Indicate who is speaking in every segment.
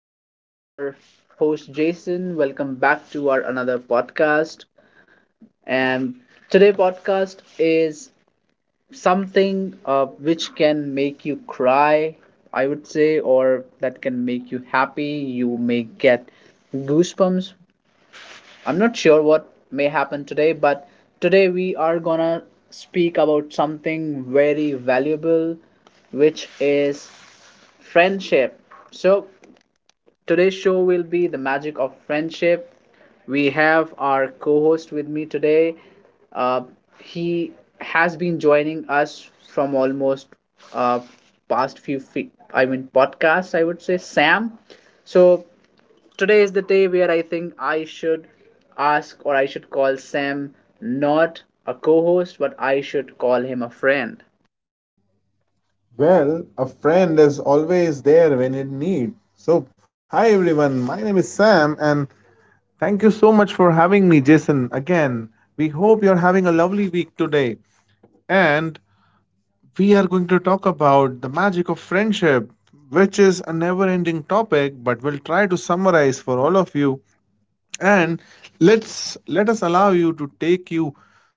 Speaker 1: This is your host Jason. Welcome back to our another podcast. And today podcast is something which can make you cry, I would say, or that can make you happy. You may get goosebumps. I'm not sure what may happen today, but today we are gonna speak about something very valuable, which is friendship. So today's show will be The Magic of Friendship. We have our co host with me today. Uh, he has been joining us from almost uh, I mean, podcasts, I would say, Sam. So today is the day where I think I should ask or I should call Sam not a co host, but I should call him a friend.
Speaker 2: Well, a friend is always there when in need. So, hi everyone, my name is Sam, and thank you so much for having me, Jason. Again, we hope you're having a lovely week today. And we are going to talk about the magic of friendship, which is a never ending topic, but we'll try to summarize for all of you. And let us allow you to take you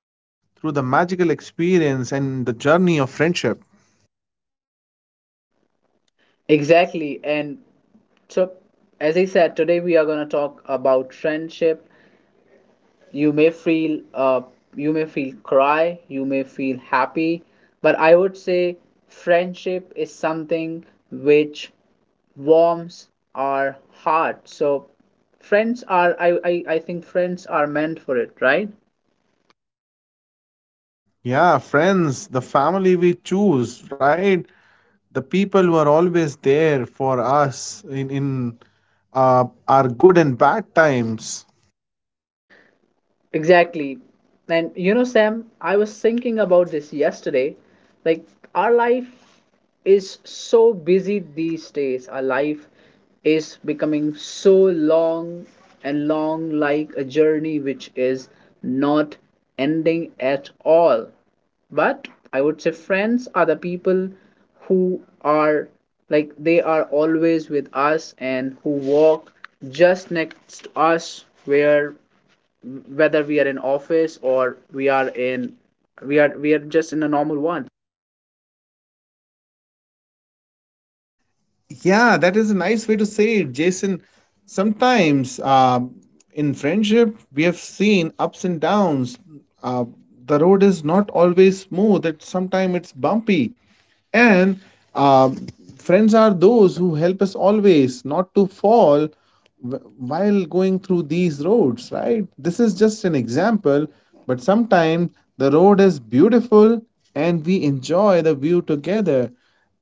Speaker 2: through the magical experience and the journey of friendship.
Speaker 1: Exactly. And so, as I said, today we are going to talk about friendship. You may feel cry, you may feel happy, but I would say friendship is something which warms our heart. So friends are I think friends are meant for it, right?
Speaker 2: Yeah, friends, the family we choose, right? The people who are always there for us in our good and bad times.
Speaker 1: Exactly. And you know, Sam, I was thinking about this yesterday. Like, our life is so busy these days. Our life is becoming so long and long, like a journey which is not ending at all. But I would say friends are the people who are like they are always with us and who walk just next to us where whether we are in office or we are just in a normal one.
Speaker 2: Yeah, that is a nice way to say it, Jason. Sometimes in friendship, we have seen ups and downs. Uh, the road is not always smooth, sometimes it's bumpy. And um friends are those who help us always not to fall while going through these roads, right? This is just an example, but sometimes the road is beautiful and we enjoy the view together.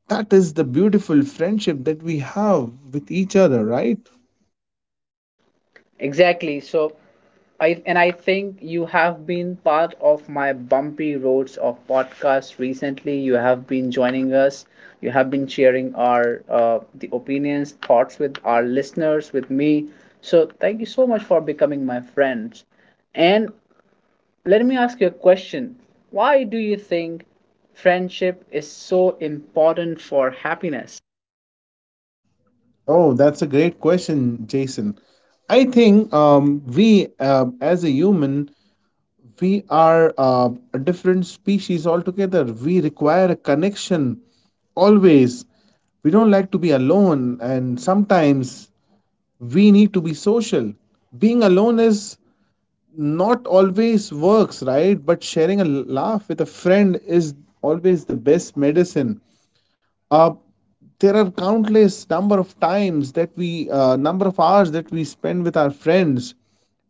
Speaker 2: That is the beautiful friendship that we have with each other, right?
Speaker 1: Exactly. So I think you have been part of my bumpy roads of podcast recently. You have been joining us, you have been sharing our the opinions, thoughts with our listeners, with me. So thank you so much for becoming my friends. And let me ask you a question. Why do you think friendship is so important for happiness?
Speaker 2: Oh, that's a great question, Jason. I think we, as a human, we are a different species altogether. We require a connection always. We don't like to be alone, and sometimes we need to be social. Being alone is not always works, right? But sharing a laugh with a friend is always the best medicine. uh, there are countless number of times that we number of hours that we spend with our friends,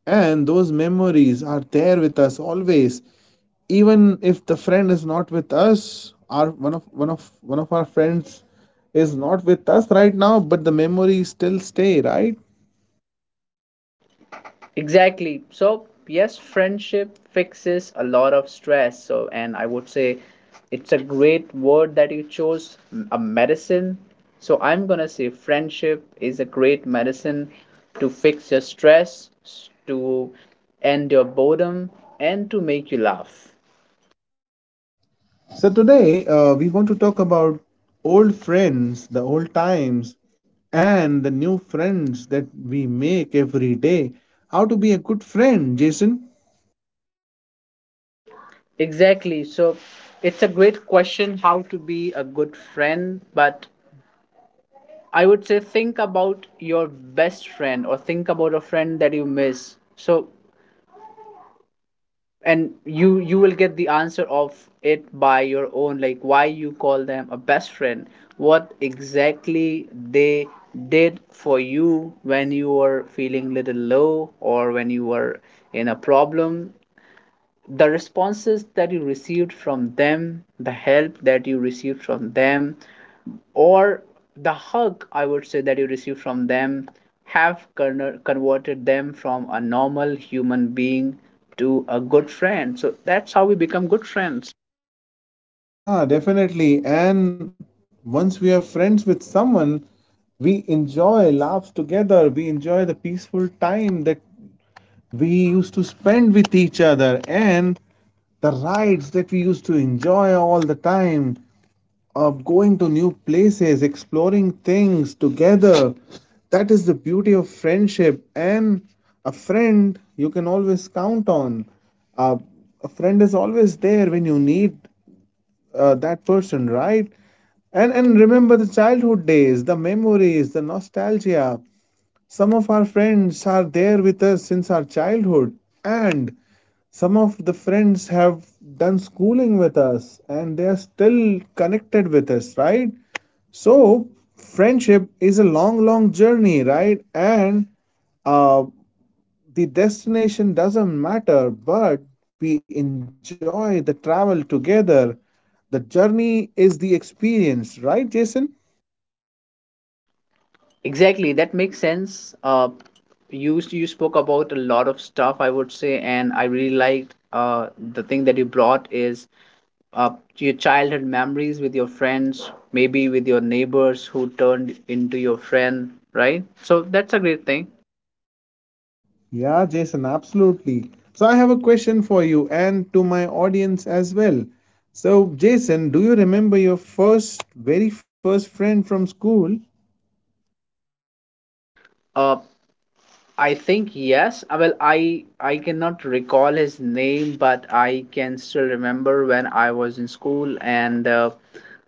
Speaker 2: and those memories are there with us always, even if the friend is not with us. Our one of our friends is not with us right now, but the memories still stay, right?
Speaker 1: Exactly. So, yes, friendship fixes a lot of stress. So, and I would say it's a great word that you chose, a medicine. So, I'm going to say friendship is a great medicine to fix your stress, to end your boredom, and to make you laugh.
Speaker 2: So today we want to talk about old friends, the old times, and the new friends that we make every day. How to be a good friend, Jason?
Speaker 1: Exactly. So, it's a great question how to be a good friend, but I would say think about your best friend or think about a friend that you miss. So, and you will get the answer of it by your own, like why you call them a best friend, what exactly they did for you when you were feeling little low or when you were in a problem. The responses that you received from them, the help that you received from them, or the hug, I would say, that you received from them have converted them from a normal human being to a good friend. So that's how we become good friends.
Speaker 2: Yeah, definitely. And once we are friends with someone, we enjoy laughs together. We enjoy the peaceful time that we used to spend with each other and the rides that we used to enjoy all the time of going to new places, exploring things together. That is the beauty of friendship and a friend you can always count on. Uh, a friend is always there when you need that person, right? And remember the childhood days, the memories, the nostalgia. Some of our friends are there with us since our childhood, and some of the friends have done schooling with us and they are still connected with us, right? So, friendship is a long, long journey, right? And uh, the destination doesn't matter, but we enjoy the travel together. The journey is the experience, right, Jason?
Speaker 1: Exactly, that makes sense. You spoke about a lot of stuff, I would say, and I really liked the thing that you brought is uh, your childhood memories with your friends, maybe with your neighbors who turned into your friend, right? So that's a great thing.
Speaker 2: Yeah, Jason, absolutely. So I have a question for you and to my audience as well. So, Jason, do you remember your first, very first friend from school?
Speaker 1: Uh, I think yes. Well, I cannot recall his name, but I can still remember when I was in school, and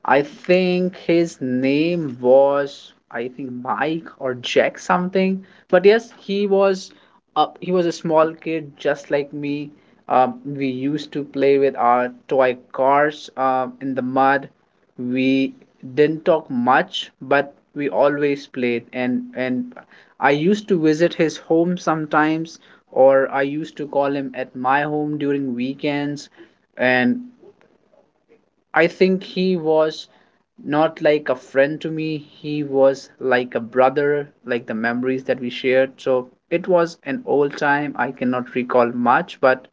Speaker 1: I think his name was, I think, Mike or Jack something. But yes, he was up. He was a small kid just like me. We used to play with our toy cars in the mud. We didn't talk much, but we always played, and I used to visit his home sometimes or I used to call him at my home during weekends. And I think he was not like a friend to me, he was like a brother. Like the memories that we shared, so it was an old time. I cannot recall much, but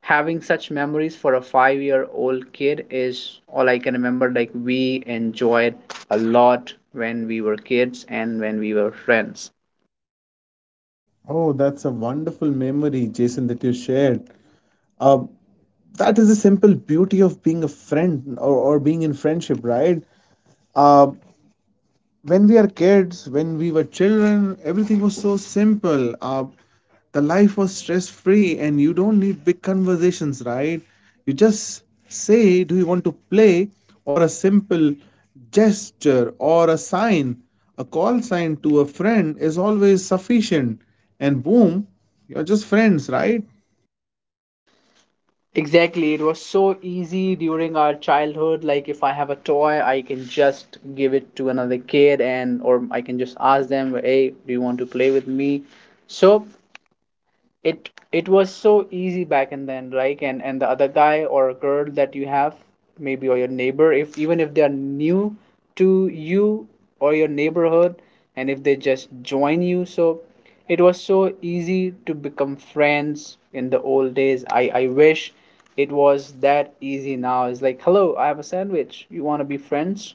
Speaker 1: having such memories for a 5 year old kid is all I can remember. Like, we enjoyed a lot when we were kids and when we were friends.
Speaker 2: Oh, that's a wonderful memory, Jason, that you shared. Uh, that is the simple beauty of being a friend or being in friendship, right? Uh, when we are kids, when we were children, everything was so simple. The life was stress free, and you don't need big conversations, right? You just say, "Do you want to play?" or a simple gesture or a sign, a call sign to a friend is always sufficient. And boom, you're just friends, right?
Speaker 1: Exactly. It was so easy during our childhood. Like if I have a toy, I can just give it to another kid, and or I can just ask them, "Hey, do you want to play with me?" So it was so easy back in then, like, and the other guy or girl that you have maybe, or your neighbor, if even if they are new to you or your neighborhood, and if they just join you. So it was so easy to become friends in the old days. I wish it was that easy. Now it's like, hello, I have a sandwich, you want to be friends?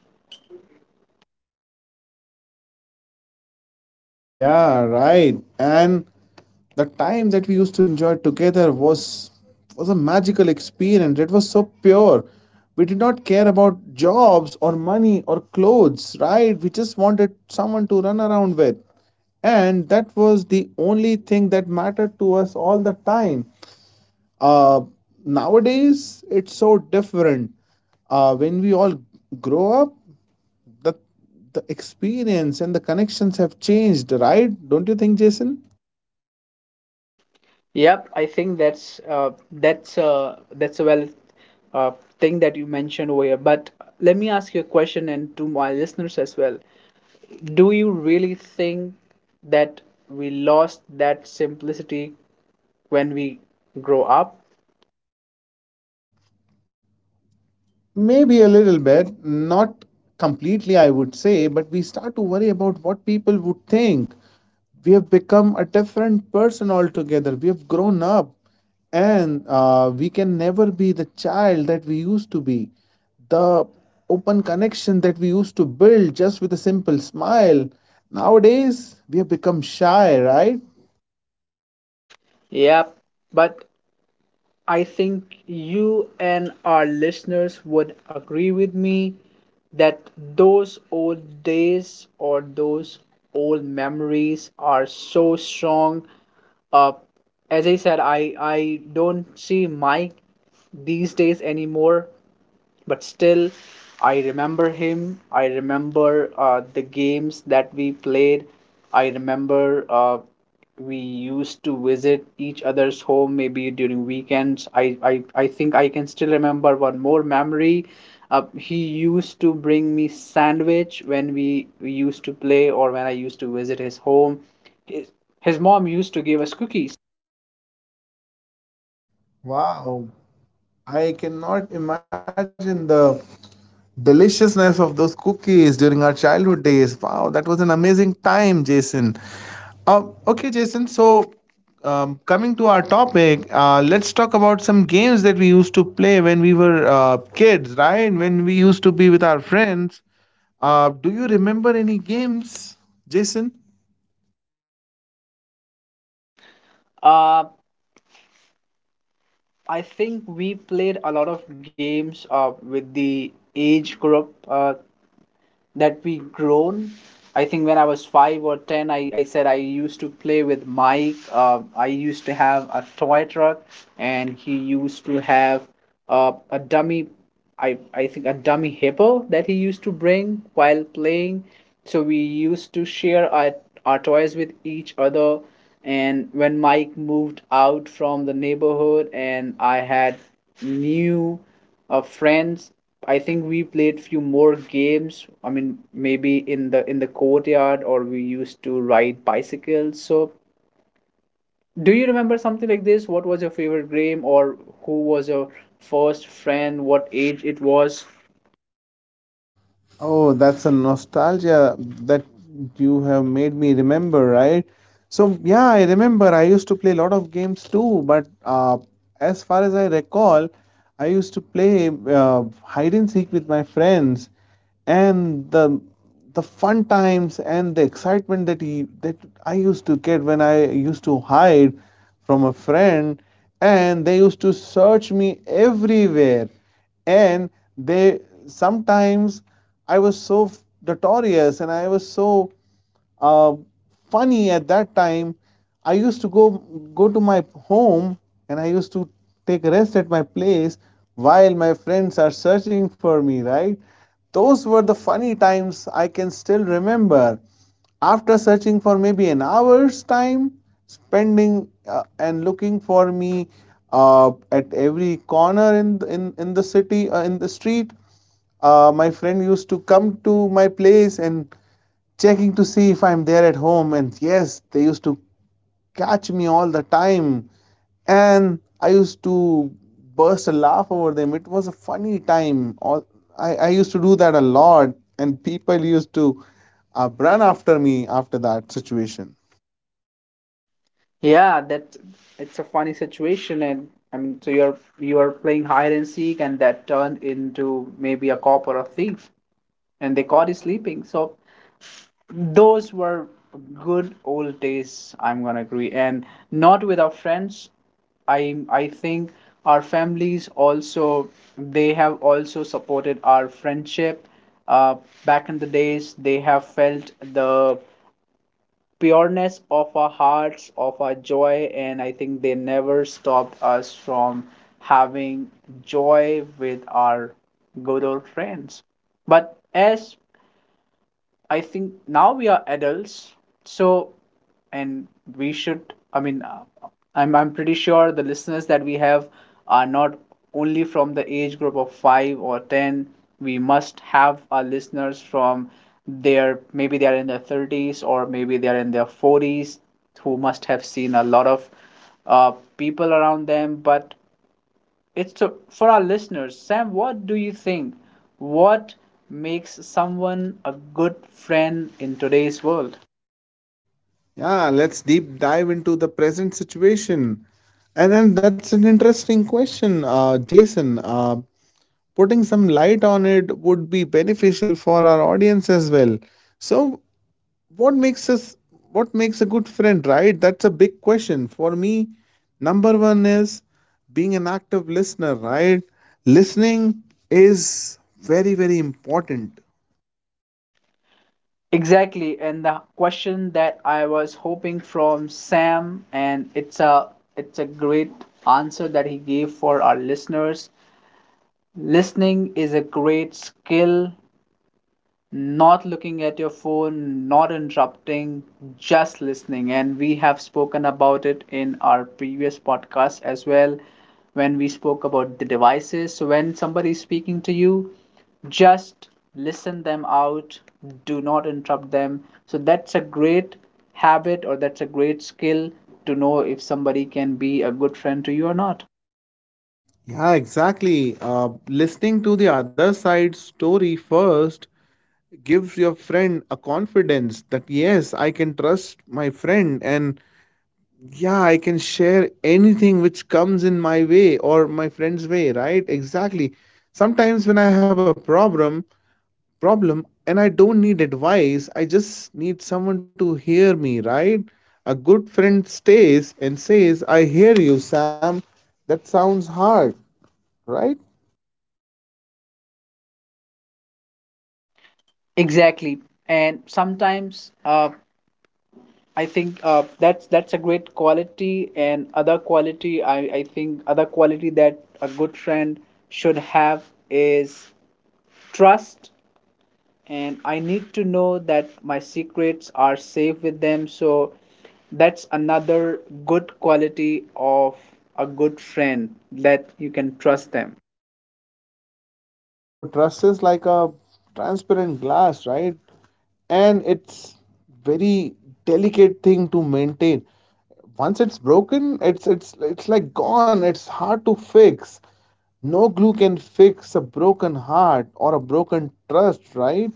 Speaker 2: Yeah, right. And the time that we used to enjoy together was a magical experience. It was so pure. We did not care about jobs or money or clothes, right? We just wanted someone to run around with. And that was the only thing that mattered to us all the time. Uh, Nowadays, it's so different. When we all grow up, the the experience and the connections have changed, right? Don't you think, Jason?
Speaker 1: Yep, I think that's that's a well uh, thing that you mentioned over here. But let me ask you a question and to my listeners as well. Do you really think that we lost that simplicity when we grow up?
Speaker 2: Maybe a little bit, not completely, I would say, but we start to worry about what people would think. We have become a different person altogether. We have grown up, and we can never be the child that we used to be. The open connection that we used to build just with a simple smile. Nowadays, we have become shy, right?
Speaker 1: Yep. But I think you and our listeners would agree with me that those old days or those old memories are so strong. Uh, as I said, I don't see Mike these days anymore, but still I remember him. I remember the games that we played. I remember we used to visit each other's home maybe during weekends. I think I can still remember one more memory. Uh, he used to bring me sandwich when we used to play or when I used to visit his home. His, his mom used to give us cookies.
Speaker 2: Wow, I cannot imagine the deliciousness of those cookies during our childhood days. Wow, that was an amazing time, Jason. Okay, Jason, so coming to our topic, let's talk about some games that we used to play when we were kids, right? When we used to be with our friends. Do you remember any games, Jason?
Speaker 1: Uh, I think we played a lot of games with the age group that we grown. I think when I was 5 or 10, I said I used to play with Mike. Uh, I used to have a toy truck, and he used to have a dummy. I think a dummy hippo that he used to bring while playing. So we used to share our toys with each other. And when Mike moved out from the neighborhood, and I had new friends. I think we played few more games. I mean, maybe in the courtyard, or we used to ride bicycles. So, do you remember something like this? What was your favorite game, or who was your first friend? What age it was?
Speaker 2: Oh, that's a nostalgia that you have made me remember, right? So, yeah, I remember I used to play a lot of games too, but as far as I recall, I used to play hide and seek with my friends, and the fun times and the excitement that I used to get when I used to hide from a friend, and they used to search me everywhere, and they sometimes I was so notorious and I was so uh, funny at that time. I used to go to my home and I used to take rest at my place while my friends are searching for me. Right? Those were the funny times I can still remember. After searching for maybe an hour's time, spending and looking for me at every corner in the city, in the street, my friend used to come to my place and checking to see if I'm there at home. And yes, they used to catch me all the time, and I used to burst a laugh over them. It was a funny time. All I used to do that a lot, and people used to ran after me after that situation.
Speaker 1: Yeah, that it's a funny situation. And I mean, so you're you are playing hide and seek and that turned into maybe a cop or a thief, and they caught you sleeping. So those were good old days, I'm gonna agree. And not with our friends, I think our families also, they have also supported our friendship. Uh, back in the days, they have felt the pureness of our hearts, of our joy, and I think they never stopped us from having joy with our good old friends. But as I think now we are adults, so and we should. I mean, I'm pretty sure the listeners that we have are not only from the age group of 5 or 10. We must have our listeners from their, maybe they are in their 30s, or maybe they are in their 40s, who must have seen a lot of uh, people around them. But it's for our listeners. Sam, what do you think? What makes someone a good friend in today's world?
Speaker 2: Yeah, let's deep dive into the present situation. And then that's an interesting question, Jason. Putting some light on it would be beneficial for our audience as well. So, what makes us, what makes a good friend, right? That's a big question. For me, number one is being an active listener, right? Listening is very, very important.
Speaker 1: Exactly, and the question that I was hoping from Sam, and it's a great answer that he gave for our listeners. Listening is a great skill, not looking at your phone, not interrupting, just listening. And we have spoken about it in our previous podcast as well when we spoke about the devices. So when somebody is speaking to you, just listen them out, do not interrupt them. So that's a great habit, or that's a great skill to know if somebody can be a good friend to you or not.
Speaker 2: Yeah, exactly. Listening to the other side's story first gives your friend a confidence that yes, I can trust my friend, and yeah, I can share anything which comes in my way or my friend's way, right? Exactly. Sometimes when I have a problem and I don't need advice, I just need someone to hear me, right? A good friend stays and says, "I hear you, Sam." That sounds hard, right?
Speaker 1: Exactly. And sometimes I think that's a great quality. And other quality, I think other quality that a good friend should have is trust, and I need to know that my secrets are safe with them. So that's another good quality of a good friend, that you can trust them.
Speaker 2: Oh, trust is like a transparent glass, right? And it's very delicate thing to maintain. Once it's broken, it's like gone. It's hard to fix. No glue can fix a broken heart or a broken trust, right?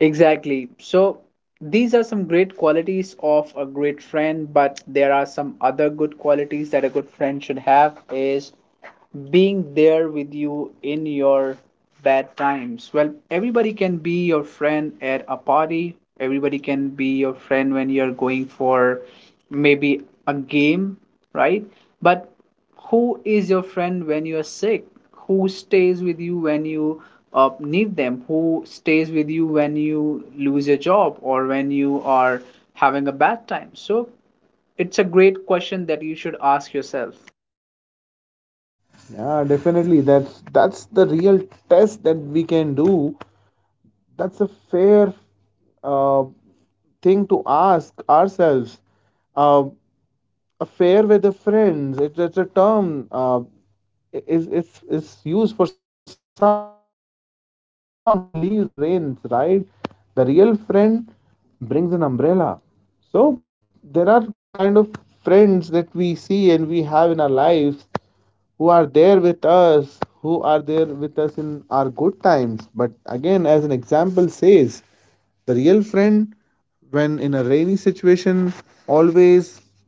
Speaker 1: Exactly. So these are some great qualities of a great friend, but there are some other good qualities that a good friend should have is being there with you in your bad times. Well, everybody can be your friend at a party, everybody can be your friend when you're going for maybe a game, right? But who is your friend when you are sick? Who stays with you when you need them? Who stays with you when you lose your job or when you are having a bad time? So it's a great question that you should ask yourself.
Speaker 2: Yeah, definitely. That's the real test that we can do. That's a fair uh, thing to ask ourselves. Uh, Affair with the friends it's a term, I- is it's used for someone who leaves when it rains, right? The real friend brings an umbrella. So there are kind of friends that we see and we have in our lives who are there with us, in our good times. But again, as an example says, the real friend, when in a rainy situation, always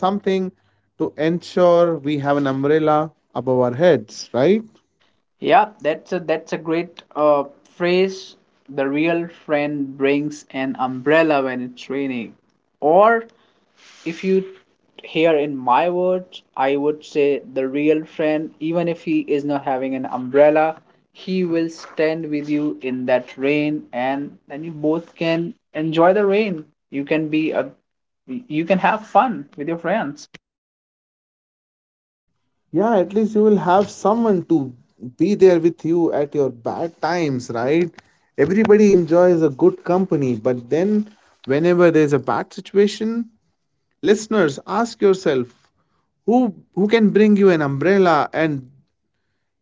Speaker 2: does something to ensure we have an umbrella above our heads, right?
Speaker 1: Yeah, that's a great phrase. The real friend brings an umbrella when it's raining. Or if you hear in my words, I would say the real friend, even if he is not having an umbrella, he will stand with you in that rain, and then you both can enjoy the rain. You can be a, you can have fun with your friends.
Speaker 2: Yeah, at least you will have someone to be there with you at your bad times, right? Everybody enjoys a good company, but then whenever there's a bad situation, listeners, ask yourself, who can bring you an umbrella? And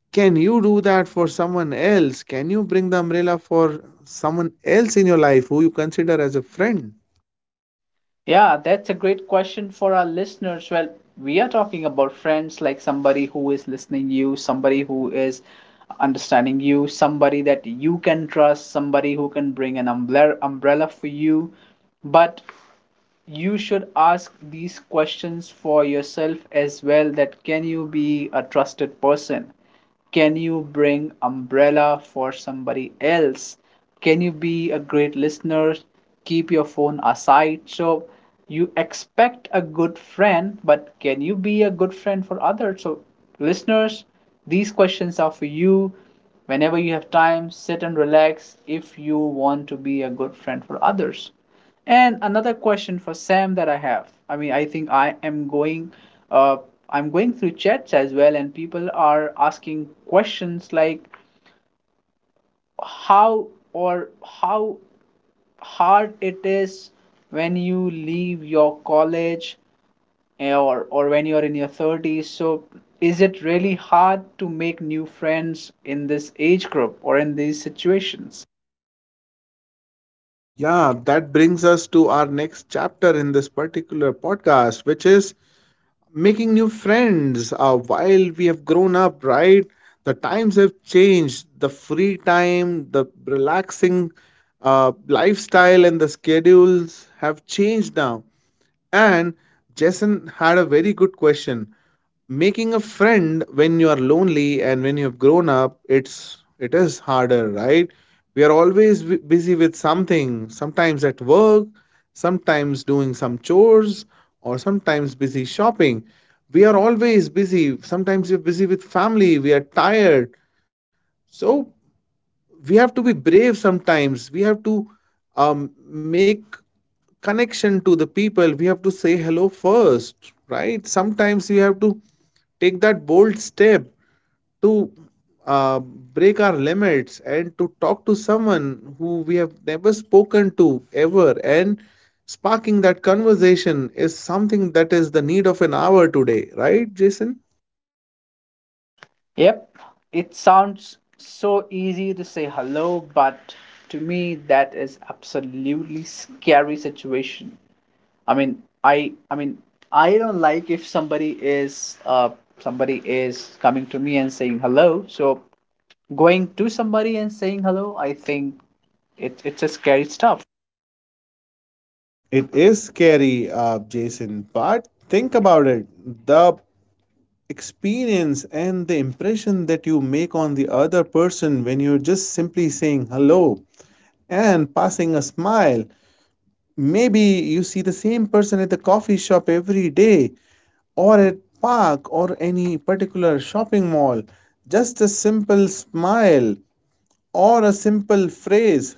Speaker 2: can you do that for someone else? Can you bring the umbrella for someone else in your life who you consider as a friend?
Speaker 1: Yeah, that's a great question for our listeners. Well, we are talking about friends like somebody who is listening you, somebody who is understanding you, somebody that you can trust, somebody who can bring an umbrella for you. But you should ask these questions for yourself as well. That can you be a trusted person, can you bring umbrella for somebody else, can you be a great listener, keep your phone aside? So you expect a good friend, but can you be a good friend for others? So listeners, these questions are for you. Whenever you have time, sit and relax if you want to be a good friend for others. And another question for Sam that I have. I mean, I think I am going, uh, I'm going through chats as well, and people are asking questions like how, or how hard it is when you leave your college, or when you're in your 30s. So, is it really hard to make new friends in this age group or in these situations?
Speaker 2: Yeah, that brings us to our next chapter in this particular podcast, which is making new friends. While we have grown up, right? The times have changed. The free time, the relaxing lifestyle, schedules have changed now. And Jason had a very good question. Making a friend when you are lonely and when you have grown up, it is harder, right? We are always busy with something, sometimes at work, sometimes doing some chores, or sometimes busy shopping. We are always busy. Sometimes we're busy with family, we are tired. So we have to be brave. Sometimes we have to make connection to the people. We have to say hello first, right? Sometimes we have to take that bold step to break our limits and to talk to someone who we have never spoken to ever, and sparking that conversation is something that is the need of an hour today, right, Jason?
Speaker 1: Yep, it sounds so easy to say hello, but to me that is absolutely scary situation. I mean, I mean, I don't like if somebody is somebody is coming to me and saying hello. So going to somebody and saying hello, I think it's a scary stuff.
Speaker 2: It is scary, Jason, but think about it, the experience and the impression that you make on the other person when you're just simply saying hello and passing a smile. Maybe you see the same person at the coffee shop every day, or at park or any particular shopping mall. Just a simple smile or a simple phrase,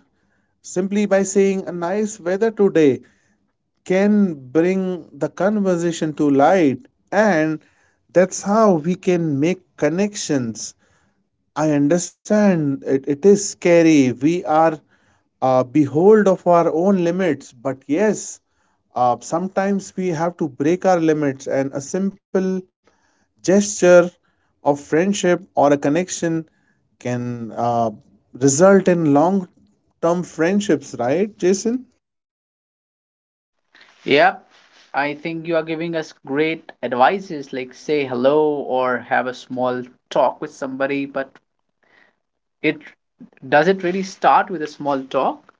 Speaker 2: simply by saying a nice weather today, can bring the conversation to light, and that's how we can make connections. I understand it, it is scary, we are behold of our own limits, but yes, sometimes we have to break our limits, and a simple gesture of friendship or a connection can result in long term friendships, right, Jason?
Speaker 1: Yep. I think you are giving us great advices like say hello or have a small talk with somebody, but it, does it really start with a small talk?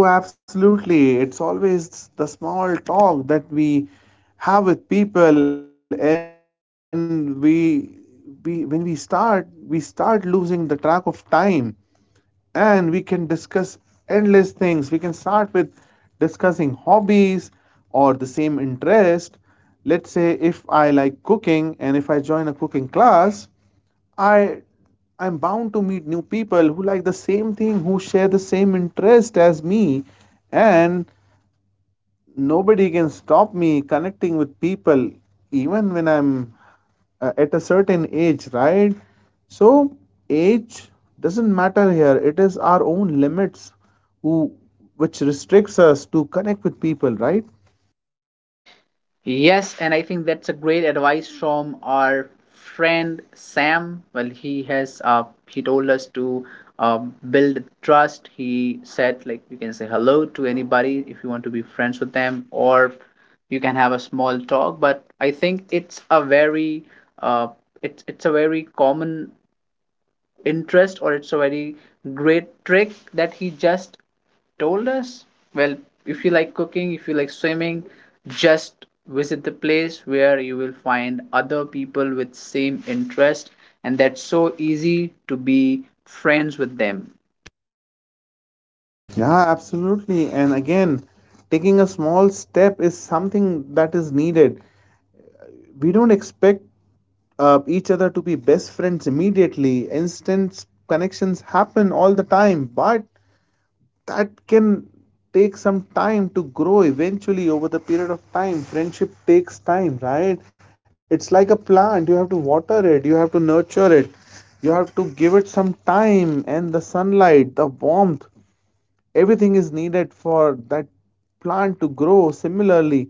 Speaker 2: Oh, absolutely. It's always the small talk that we have with people, and we when we start losing the track of time, and we can discuss endless things. We can start with discussing hobbies or the same interest. Let's say if I like cooking and if I join a cooking class, I I'm bound to meet new people who like the same thing, who share the same interest as me, and nobody can stop me connecting with people even when I'm at a certain age, right? So, age doesn't matter here. It is our own limits who which restricts us to connect with people, right?
Speaker 1: Yes, and I think that's a great advice from our friend Sam. Well, he has, he told us to, uh, build trust. He said like you can say hello to anybody if you want to be friends with them, or you can have a small talk. But I think it's a very, uh, it's a very common interest, or it's a very great trick that he just told us. Well, if you like cooking, if you like swimming, just visit the place where you will find other people with same interest, and that's so easy to be friends with them.
Speaker 2: Yeah, absolutely. And again, taking a small step is something that is needed. We don't expect each other to be best friends immediately. Instant connections happen all the time, but that can take some time to grow eventually over the period of time. Friendship takes time, right? It's like a plant, you have to water it, you have to nurture it, you have to give it some time and the sunlight, the warmth, everything is needed for that plant to grow. Similarly,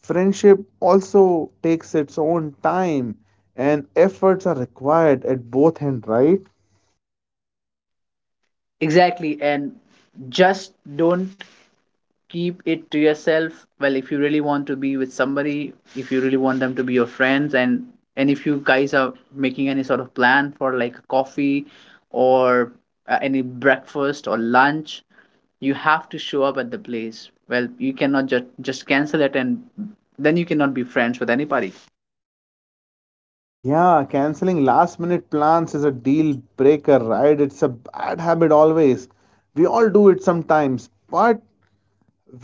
Speaker 2: friendship also takes its own time, and efforts are required at both ends, right?
Speaker 1: Exactly. And just don't keep it to yourself. Well, if you really want to be with somebody, if you really want them to be your friends, and if you guys are making any sort of plan for like coffee, or any breakfast or lunch, you have to show up at the place. Well, you cannot just cancel it, and then you cannot be friends with anybody.
Speaker 2: Yeah, canceling last minute plans is a deal breaker, right? It's a bad habit always. We all do it sometimes, but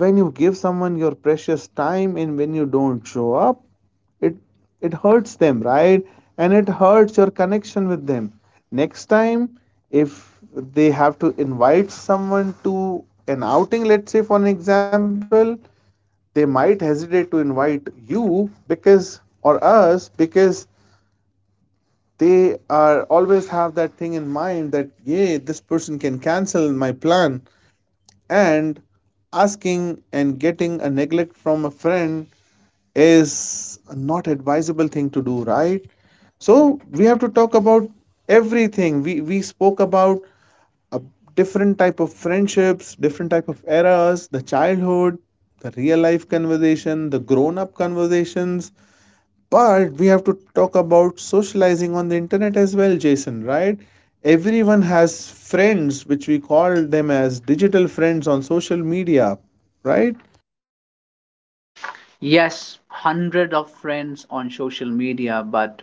Speaker 2: when you give someone your precious time and when you don't show up, it it hurts them, right? And it hurts your connection with them. Next time, if they have to invite someone to an outing, let's say for an example, they might hesitate to invite you, because or us, because they are always have that thing in mind that yeah, this person can cancel my plan. And asking and getting a neglect from a friend is not advisable thing to do, right? So we have to talk about everything. We spoke about a different type of friendships, different type of eras, the childhood, the real life conversation, the grown up conversations, but we have to talk about socializing on the internet as well, Jason, right? Everyone has friends, which we call them as digital friends on social media, right?
Speaker 1: Yes, hundred of friends on social media. But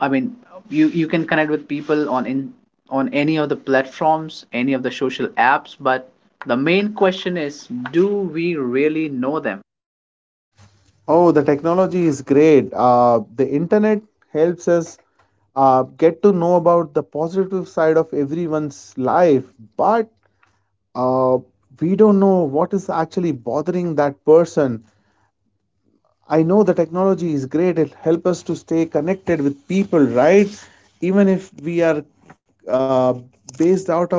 Speaker 1: I mean, you can connect with people on in on any of the platforms, any of the social apps, but the main question is, do we really know them?
Speaker 2: Oh, the technology is great. The internet helps us get to know about the positive side of everyone's life, but uh, we don't know what is actually bothering that person. I know the technology is great. It helps us to stay connected with people, right? Even if we are uh, based out of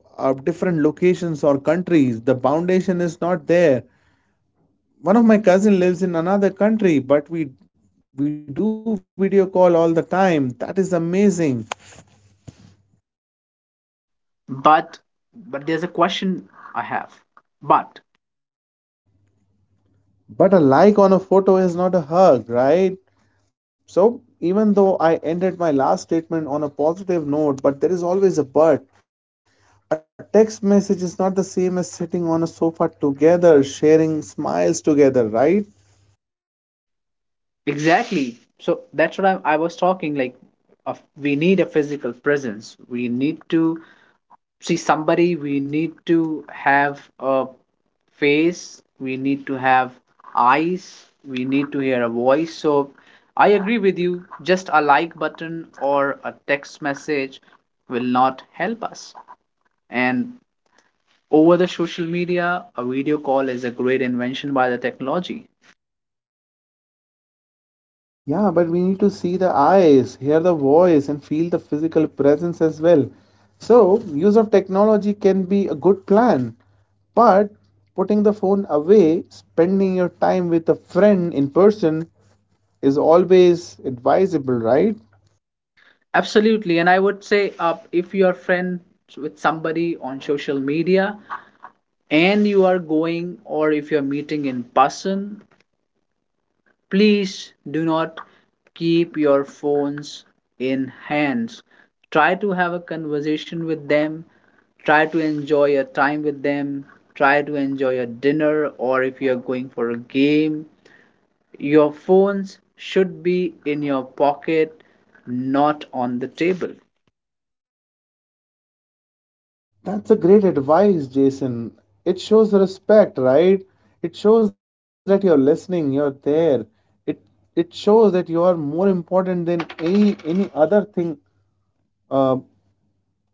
Speaker 2: different locations or countries, the foundation is not there. One of my cousin lives in another country, but we do video call all the time. That is amazing.
Speaker 1: But but there's a question I have. But
Speaker 2: But a like on a photo is not a hug, right? So even though I ended my last statement on a positive note, but there is always a but. A text message is not the same as sitting on a sofa together, sharing smiles together, right?
Speaker 1: exactly, so that's what I was talking like. Of, we need a physical presence. We need to see somebody, we need to have a face, we need to have eyes, we need to hear a voice. So I agree with you, just a like button or a text message will not help us. And over the social media, a video call is a great invention by the technology.
Speaker 2: Yeah, but we need to see the eyes, hear the voice, and feel the physical presence as well. So, use of technology can be a good plan, but putting the phone away, spending your time with a friend in person, is always advisable, right?
Speaker 1: Absolutely. And I would say, if you are friends with somebody on social media, and you are going, or if you're meeting in person, please do not keep your phones in hands. Try to have a conversation with them. Try to enjoy your time with them. Try to enjoy your dinner, or if you are going for a game. Your phones should be in your pocket, not on the table.
Speaker 2: That's a great advice, Jason. It shows respect, right? It shows that you're listening, you're there. It it shows that you are more important than any other thing uh,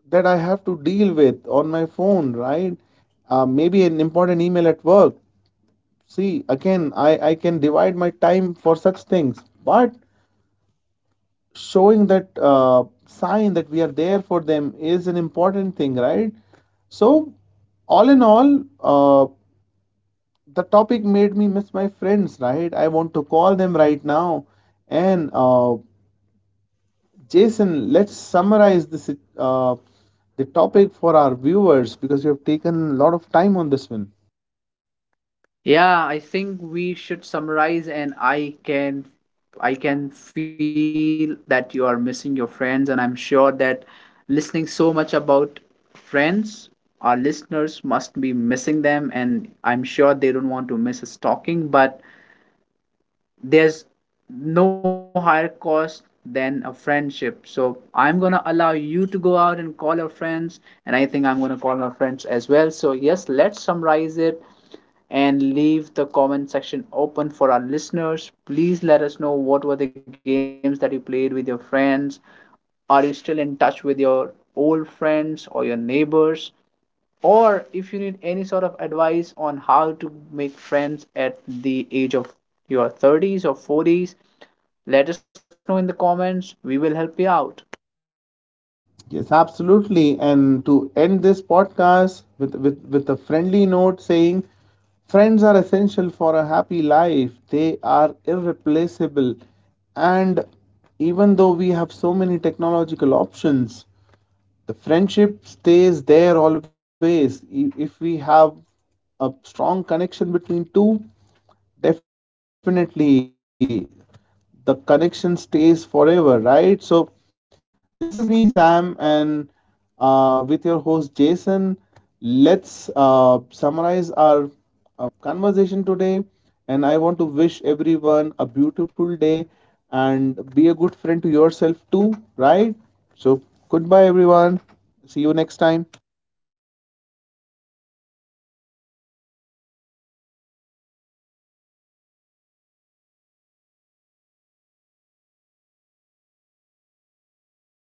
Speaker 2: that I have to deal with on my phone, right? Maybe an important email at work. See, again, I can my time for such things, but showing that sign that are there for them is an important thing, right? So, all in all, the topic made me miss my friends, right? I want to call them right now. And Jason, let's summarize this uh, the topic for our viewers because you have taken a lot of time on this one.
Speaker 1: Yeah, I think we should summarize. And I can, I can feel that you are missing your friends, and I'm sure that listening so much about friends, our listeners must be missing them, and I'm sure they don't want to miss us talking. But there's no higher cost than a friendship. So I'm gonna allow you to go out and call your friends, and I think I'm gonna call my friends as well. So yes, let's summarize it and leave the comment section open for our listeners. Please let us know what were the games that you played with your friends. Are you still in touch with your old friends or your neighbors? Or if you need any sort of advice on how to make friends at the age of your 30s or 40s, let us know in the comments. We will help you out.
Speaker 2: Yes, absolutely. And to end this podcast with a friendly note saying, friends are essential for a happy life. They are irreplaceable. And even though we have so many technological options, the friendship stays there always. If we have a strong connection between two, definitely the connection stays forever, right? So, this is me, Sam, and with your host Jason. Let's summarize our conversation today. And I want to wish everyone a beautiful day and be a good friend to yourself too, right? So, goodbye, everyone. See you next time.
Speaker 1: Thank you so much to our friend Sam for joining us for another podcast today. Thank you so much, everybody. And to my listeners, to my friends, if you're listening to me, thank you so much for joining us today. Have a great day.